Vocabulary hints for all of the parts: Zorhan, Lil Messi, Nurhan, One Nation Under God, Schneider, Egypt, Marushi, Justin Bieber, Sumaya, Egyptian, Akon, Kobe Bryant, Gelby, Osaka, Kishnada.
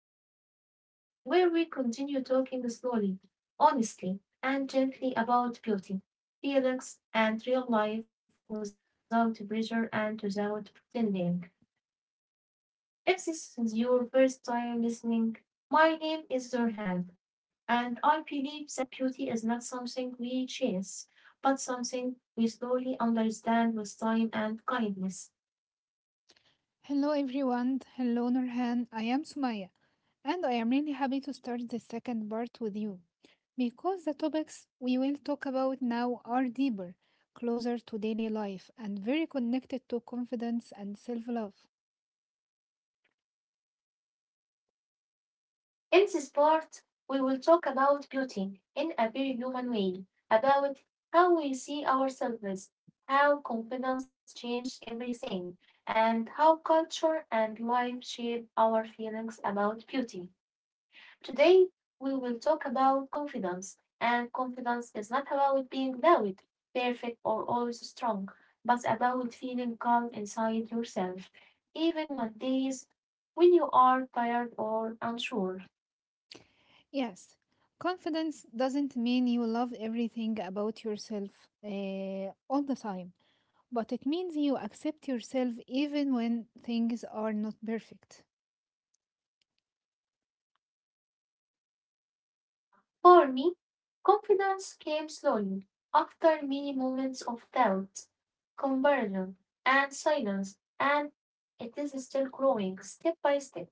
journey together, where we continue talking slowly, honestly, and gently about beauty, feelings, and real life without pressure and without pretending. If this is your first time listening, my name is Zorhan, and I believe that beauty is not something we chase, but something we slowly understand with time and kindness. Hello everyone, hello Nurhan, I am Sumaya and I am really happy to start the second part with you because the topics we will talk about now are deeper, closer to daily life and very connected to confidence and self-love. In this part, we will talk about beauty in a very human way, about how we see ourselves, how confidence changes everything, and how culture and life shape our feelings about beauty. Today, we will talk about confidence, and confidence is not about being loud, perfect, or always strong, but about feeling calm inside yourself, even on days when you are tired or unsure. Yes, confidence doesn't mean you love everything about yourself all the time, but it means you accept yourself even when things are not perfect. For me, confidence came slowly after many moments of doubt, conversion, and silence, and it is still growing step by step.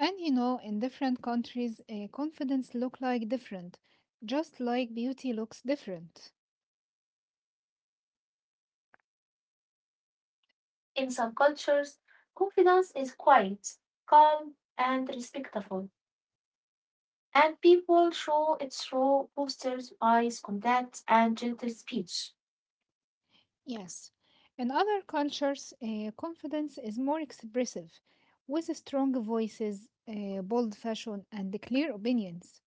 And you know, in different countries, confidence look like different, just like beauty looks different. In some cultures, confidence is quiet, calm, and respectful, and people show it through postures, eyes contact, and gentle speech. Yes. In other cultures, confidence is more expressive, with strong voices, bold fashion, and clear opinions.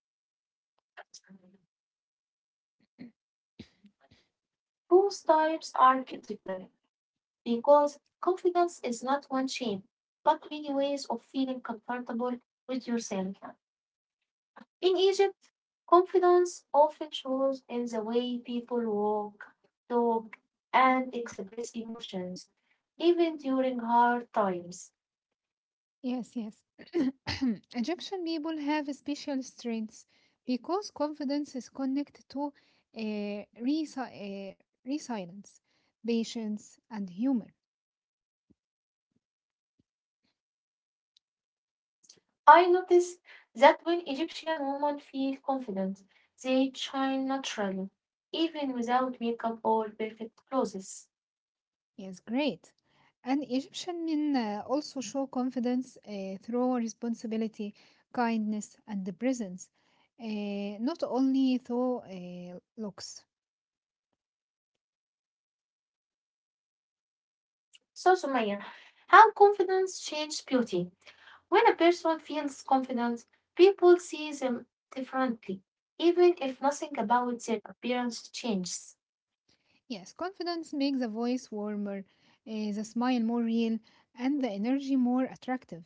Both types are critical, because confidence is not one shape, but many ways of feeling comfortable with yourself. In Egypt, confidence often shows in the way people walk, talk, and express emotions, even during hard times. Yes, yes. Egyptian people have special strengths because confidence is connected to resi- uh, resilience, patience, and humor. I noticed that when Egyptian women feel confident, they shine naturally, even without makeup or perfect clothes. Yes, great. And Egyptian men also show confidence through responsibility, kindness, and the presence, uh, not only through looks. So, Sumaya, how confidence changes beauty? When a person feels confident, people see them differently, even if nothing about their appearance changes. Yes, confidence makes the voice warmer, the smile more real, and the energy more attractive.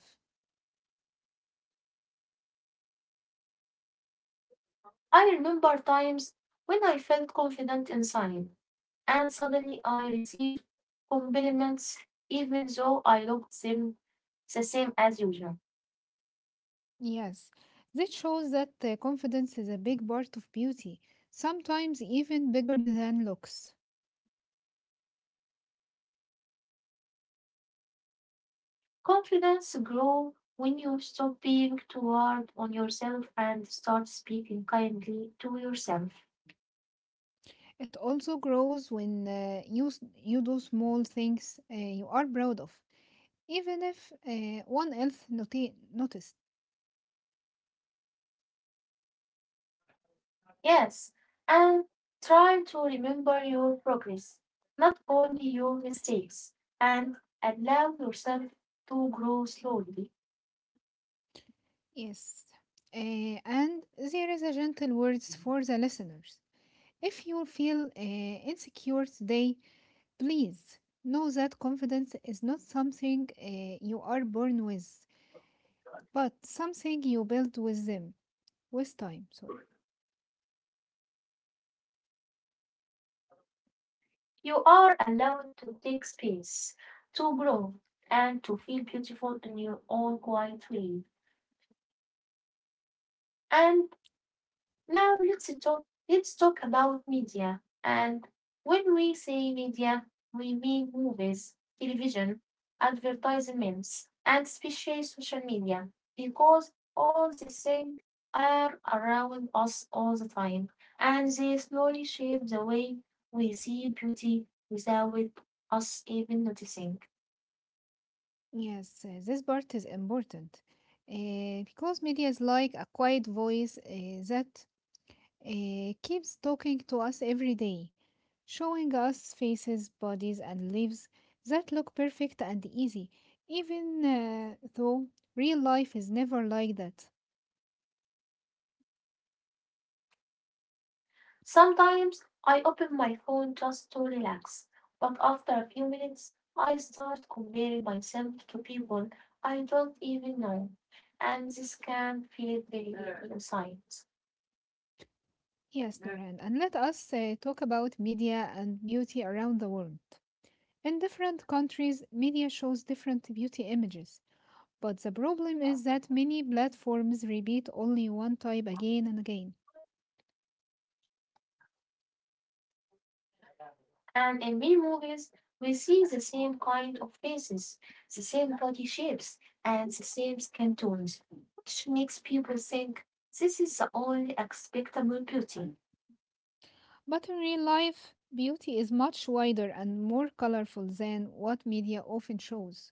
I remember times when I felt confident inside, and suddenly I received compliments even though I looked them the same as usual. Yes, this shows that confidence is a big part of beauty, sometimes even bigger than looks. Confidence grows when you stop being too hard on yourself and start speaking kindly to yourself. It also grows when you do small things you are proud of, even if one else noticed. Yes, and try to remember your progress, not only your mistakes, and allow yourself to grow slowly. Yes. And there is a gentle words for the listeners. If you feel insecure today, please know that confidence is not something you are born with, but something you build with them, with time. Sorry. You are allowed to take space, to grow, and to feel beautiful in your own quiet way. And now let's talk about media. And when we say media, we mean movies, television, advertisements, and especially social media, because all these things are around us all the time, and they slowly shape the way we see beauty without us even noticing. Yes, this part is important because media is like a quiet voice that keeps talking to us every day, showing us faces, bodies, and lives that look perfect and easy, even though real life is never like that. Sometimes I open my phone just to relax, but after a few minutes, I start comparing myself to people I don't even know, and this can feel very evil inside. Yes, Nurhan, and let us talk about media and beauty around the world. In different countries, media shows different beauty images. But the problem is that many platforms repeat only one type again and again. And in many movies, we see the same kind of faces, the same body shapes, and the same skin tones, which makes people think this is the only acceptable beauty. But in real life, beauty is much wider and more colorful than what media often shows.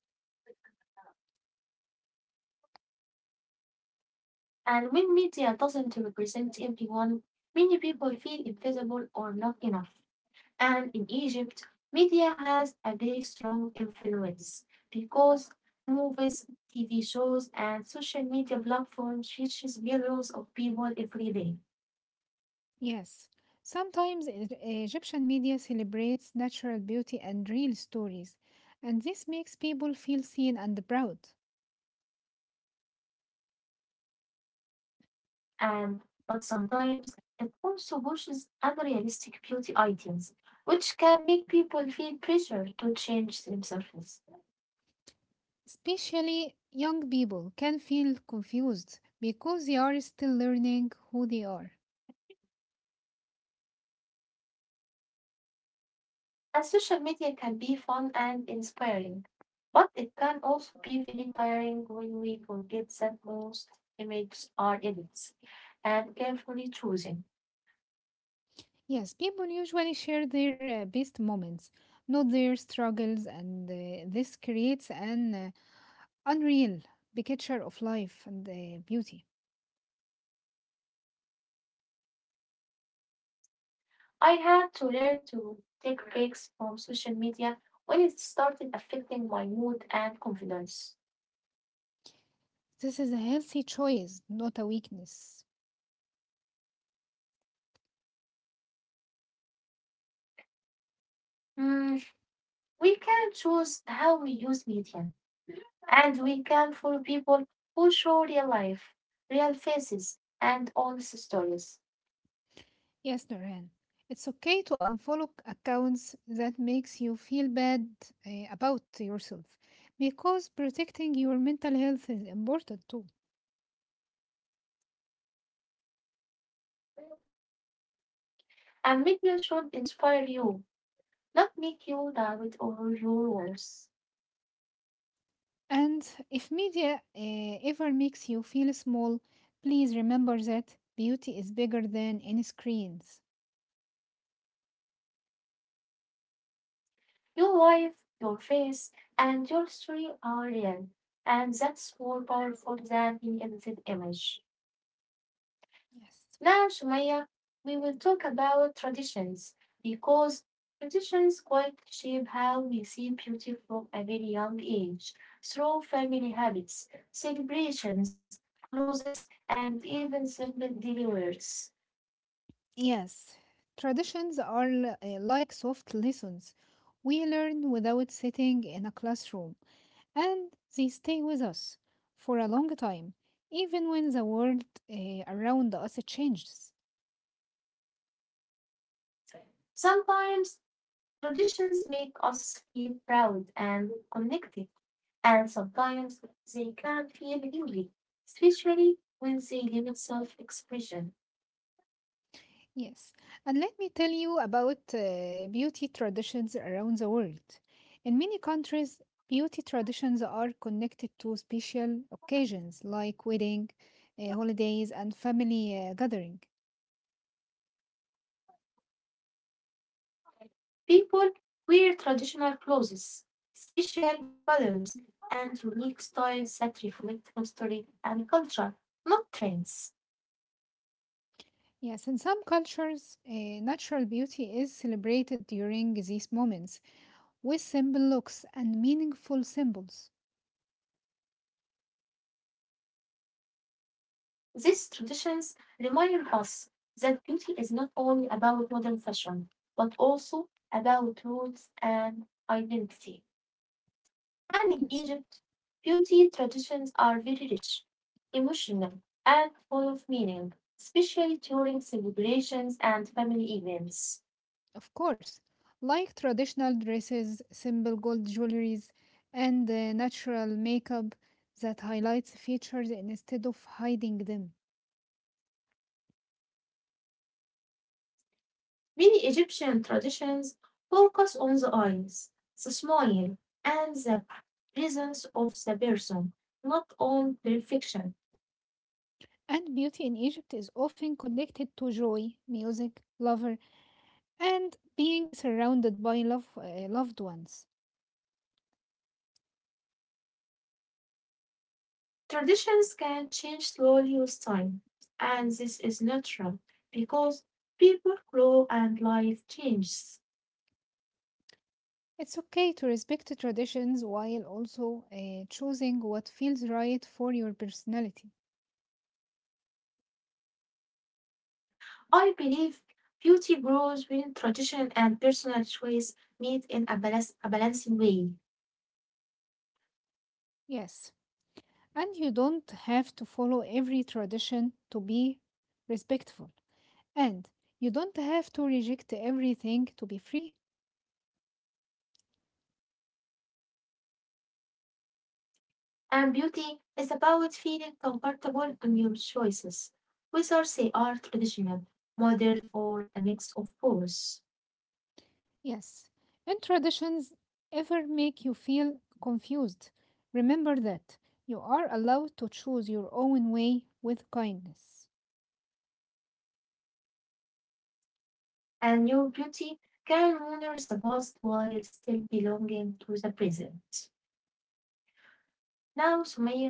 And when media doesn't represent everyone, many people feel invisible or not enough. And in Egypt, media has a very strong influence because movies, TV shows, and social media platforms reaches millions of people every day. Yes, sometimes Egyptian media celebrates natural beauty and real stories, and this makes people feel seen and proud. And But sometimes it also pushes unrealistic beauty ideals, which can make people feel pressure to change themselves. Especially young people can feel confused because they are still learning who they are. And social media can be fun and inspiring, but it can also be very tiring when we forget that most images are edits and carefully chosen. Yes, people usually share their best moments, not their struggles, and this creates an unreal picture of life and beauty. I had to learn to take breaks from social media when it started affecting my mood and confidence. This is a healthy choice, not a weakness. Hmm, we can choose how we use media, and we can follow people who show real life, real faces, and honest stories. Yes, Nurhan, it's okay to unfollow accounts that makes you feel bad about yourself, because protecting your mental health is important too. And media should inspire you, not make you doubt all your words. And if media ever makes you feel small, please remember that beauty is bigger than any screens. Your wife, your face, and your story are real. And that's more powerful than any edited image. Yes. Now, Sumaya, we will talk about traditions because traditions quite shape how we see beauty from a very young age through family habits, celebrations, clothes, and even simple daily words. Yes, traditions are like soft lessons. We learn without sitting in a classroom, and they stay with us for a long time, even when the world around us changes. Sometimes traditions make us feel proud and connected, and sometimes they can feel heavy, especially when they limit self expression. Yes, and let me tell you about beauty traditions around the world. In many countries, beauty traditions are connected to special occasions like wedding, holidays, and family gathering. People wear traditional clothes, special colors, and unique styles that reflect history and culture, not trends. Yes, in some cultures, natural beauty is celebrated during these moments with simple looks and meaningful symbols. These traditions remind us that beauty is not only about modern fashion, but also about roots and identity. And in Yes, Egypt, beauty traditions are very rich, emotional, and full of meaning, especially during celebrations and family events. of course, like traditional dresses, simple gold jewelries, and natural makeup that highlights features instead of hiding them. Many Egyptian traditions focus on the eyes, the smile, and the presence of the person, not on perfection. And beauty in Egypt is often connected to joy, music, lover, and being surrounded by love, loved ones. Traditions can change slowly with time, and this is natural because people grow and life changes. It's okay to respect traditions while also choosing what feels right for your personality. I believe beauty grows when tradition and personal choice meet in a, balance, a balancing way. Yes, and you don't have to follow every tradition to be respectful. And you don't have to reject everything to be free. And beauty is about feeling comfortable in your choices, whether they are traditional, modern, or a mix of both. Yes. And traditions ever make you feel confused. Remember that you are allowed to choose your own way with kindness. And your beauty can honor the past while still belonging to the present. Now, Sumaya,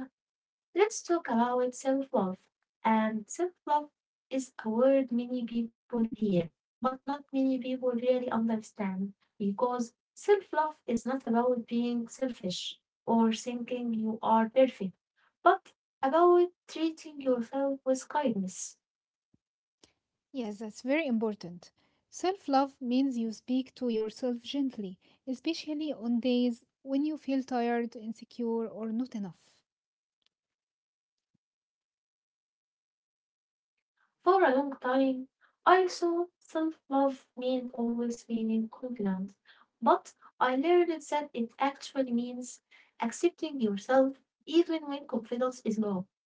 let's talk about self love. And self love is a word many people hear, but not many people really understand because self love is not about being selfish or thinking you are perfect, but about treating yourself with kindness. Yes, that's very important. Self love means you speak to yourself gently, especially on days when you feel tired, insecure, or not enough. For a long time, I thought self love meant always being confident, but I learned that it actually means accepting yourself even when confidence is low.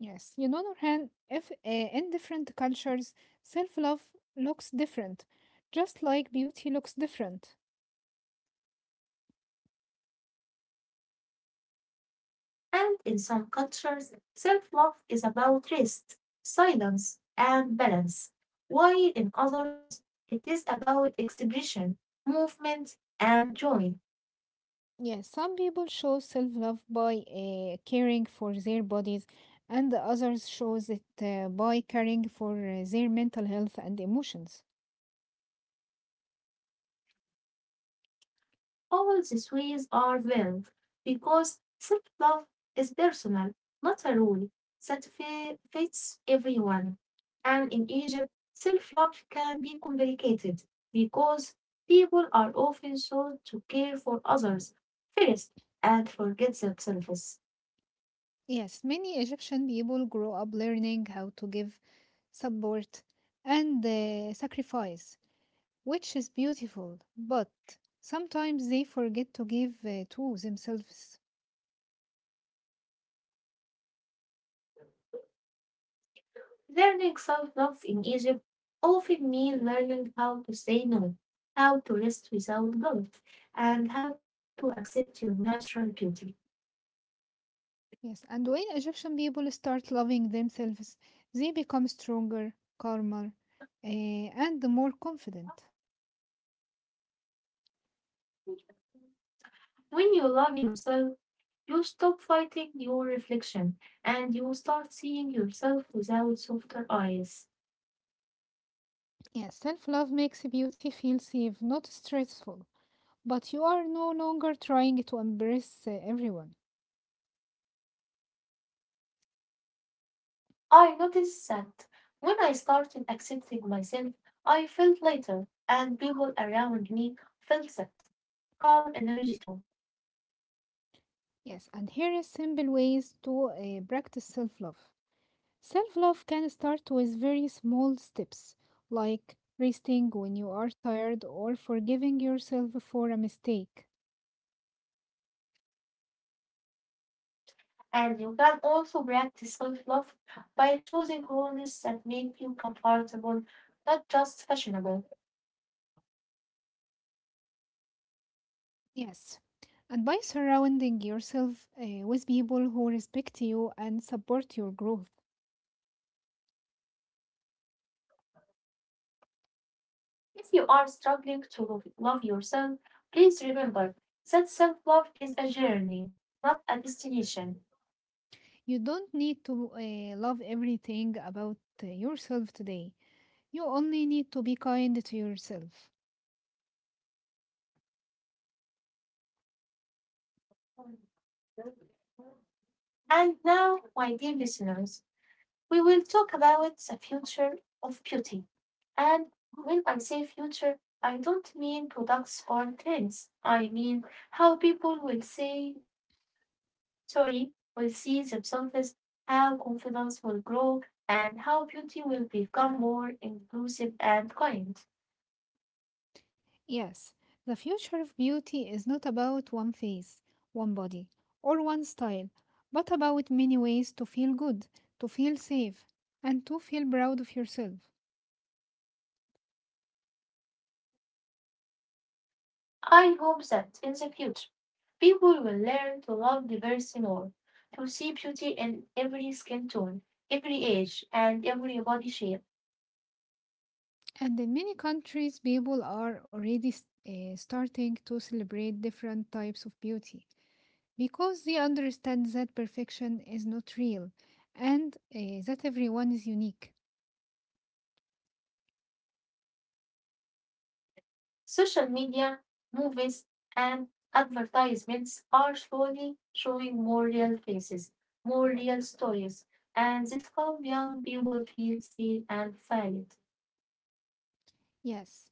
Yes, you know, Nurhan, if in different cultures, self-love looks different, just like beauty looks different. And in some cultures, self love is about rest, silence, and balance, while in others, it is about expression, movement, and joy. Yes, some people show self-love by caring for their bodies, and others shows it by caring for their mental health and emotions. All these ways are valid because self love is personal, not a rule that fits everyone. And in Egypt, self love can be complicated because people are often taught to care for others first and forget themselves. Yes, many Egyptian people grow up learning how to give support and sacrifice, which is beautiful, but sometimes they forget to give to themselves. Learning self love in Egypt often means learning how to say no, how to rest without guilt, and how to accept your natural beauty. Yes, and when Egyptian people start loving themselves, they become stronger, calmer, and more confident. When you love yourself, you stop fighting your reflection and you start seeing yourself without softer eyes. Yes, self love makes beauty feel safe, not stressful, but you are no longer trying to impress everyone. I noticed that when I started accepting myself, I felt lighter and people around me felt that calm energy too. Yes, and here is simple ways to practice self love. Self love can start with very small steps, like resting when you are tired or forgiving yourself for a mistake. And you can also practice self love by choosing clothes that make you comfortable, not just fashionable. Yes. And by surrounding yourself with people who respect you and support your growth, If you are struggling to love yourself, please remember that self love is a journey, not a destination. you don't need to love everything about yourself today. You only need to be kind to yourself. And now, my dear listeners, we will talk about the future of beauty. And when I say future, I don't mean products or trends. I mean how people will say, sorry, will see themselves, how confidence will grow, and how beauty will become more inclusive and kind. Yes, the future of beauty is not about one face, one body, or one style, but about many ways to feel good, to feel safe, and to feel proud of yourself. I hope that in the future people will learn to love diversity more, to see beauty in every skin tone, every age, and every body shape. And in many countries, people are already starting to celebrate different types of beauty because they understand that perfection is not real and that everyone is unique. Social media, movies, and advertisements are slowly showing more real faces, more real stories, and this helps young people feel seen and valued. Yes,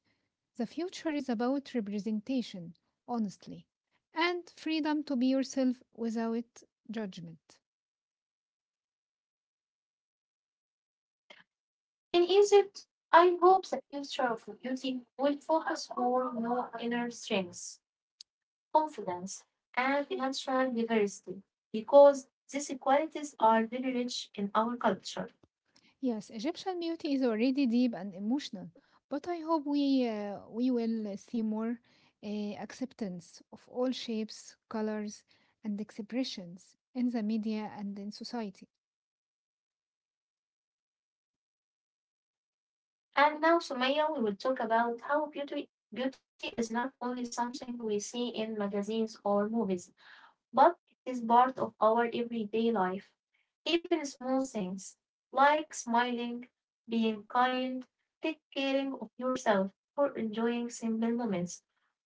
the future is about representation, honestly, and freedom to be yourself without judgment. In Egypt, I hope the future of beauty will focus more on your inner strengths, confidence, and natural diversity because these qualities are very rich in our culture. Yes, Egyptian beauty is already deep and emotional, but I hope we we will see more uh, acceptance of all shapes, colors, and expressions in the media and in society. And now, Sumaya, we will talk about how beauty is not only something we see in magazines or movies, but it is part of our everyday life. Even small things like smiling, being kind, taking care of yourself, or enjoying simple moments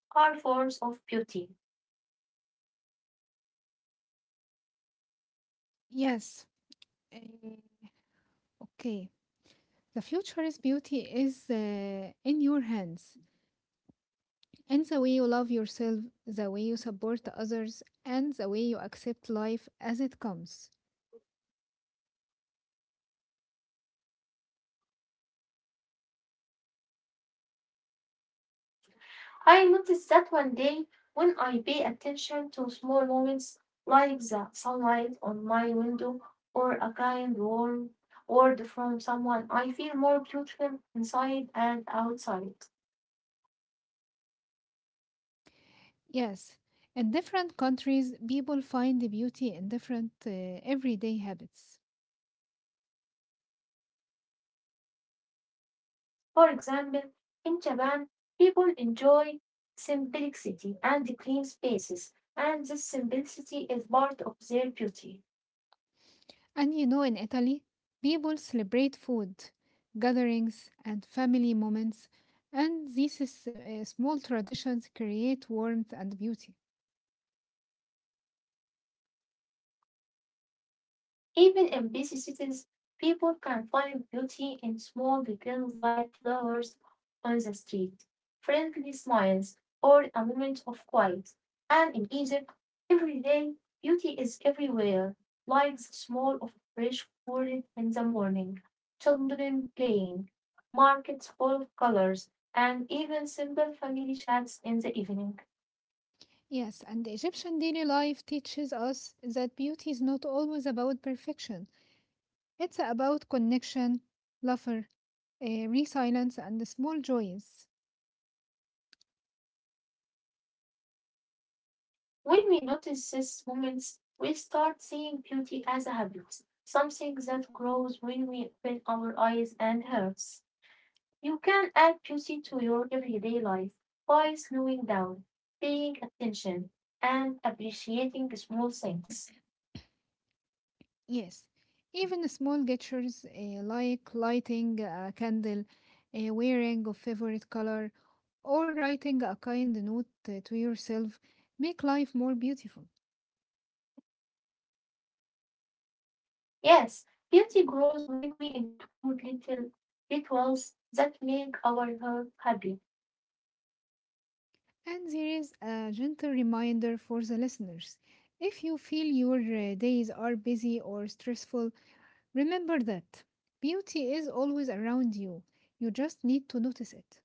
are forms of beauty. Yes. eh, okay. The future's beauty is in your hands, and the way you love yourself, the way you support others, and the way you accept life as it comes. I noticed that one day when I pay attention to small moments like the sunlight on my window or a kind word from someone, I feel more beautiful inside and outside. Yes, in different countries, people find the beauty in different everyday habits. For example, in Japan, people enjoy simplicity and clean spaces, and this simplicity is part of their beauty. And you know, in Italy, people celebrate food, gatherings, and family moments, and these is, small traditions create warmth and beauty. Even in busy cities, people can find beauty in small details like flowers on the street, friendly smiles, or a moment of quiet. And in Egypt, every day, beauty is everywhere, like the smell of fresh food in the morning, children playing, markets full of colors, and even simple family chats in the evening. Yes, and Egyptian daily life teaches us that beauty is not always about perfection. It's about connection, laughter, resilience, and small joys. When we notice these moments, we start seeing beauty as a habit, something that grows when we open our eyes and hearts. You can add beauty to your everyday life by slowing down, paying attention, and appreciating small things. Yes, even the small gestures like lighting a candle, wearing a favorite color, or writing a kind note to yourself make life more beautiful. Yes, beauty grows when we include little rituals that make our heart happy. And there is a gentle reminder for the listeners. If you feel your days are busy or stressful, remember that beauty is always around you. You just need to notice it.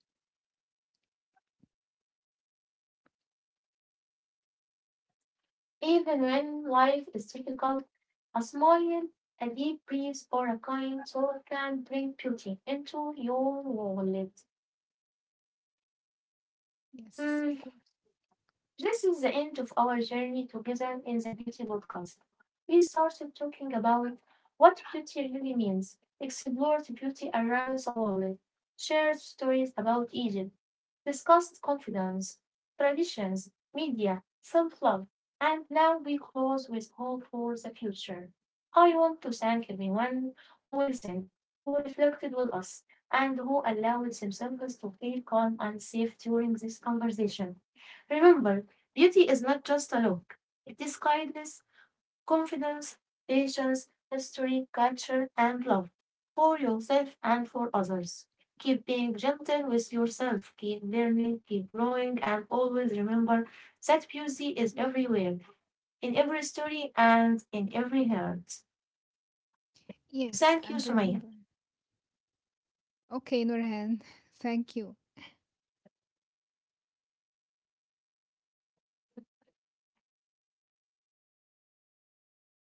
Even when life is difficult, a smile, a deep breeze or a kind soul can bring beauty into your wallet. Yes, Hmm. of course. This is the end of our journey together in the Beauty Podcast. We started talking about what beauty really means, explored beauty around the world, shared stories about Egypt, discussed confidence, traditions, media, self love, and now we close with hope for the future. I want to thank everyone who listened, who reflected with us, and who allowed themselves to feel calm and safe during this conversation. Remember, beauty is not just a look, it is kindness, confidence, patience, history, culture, and love for yourself and for others. Keep being gentle with yourself, keep learning, keep growing, and always remember that beauty is everywhere, in every story, and in every heart. Yes, Thank you, and Sumaya. remember. Okay, Nurhan, thank you.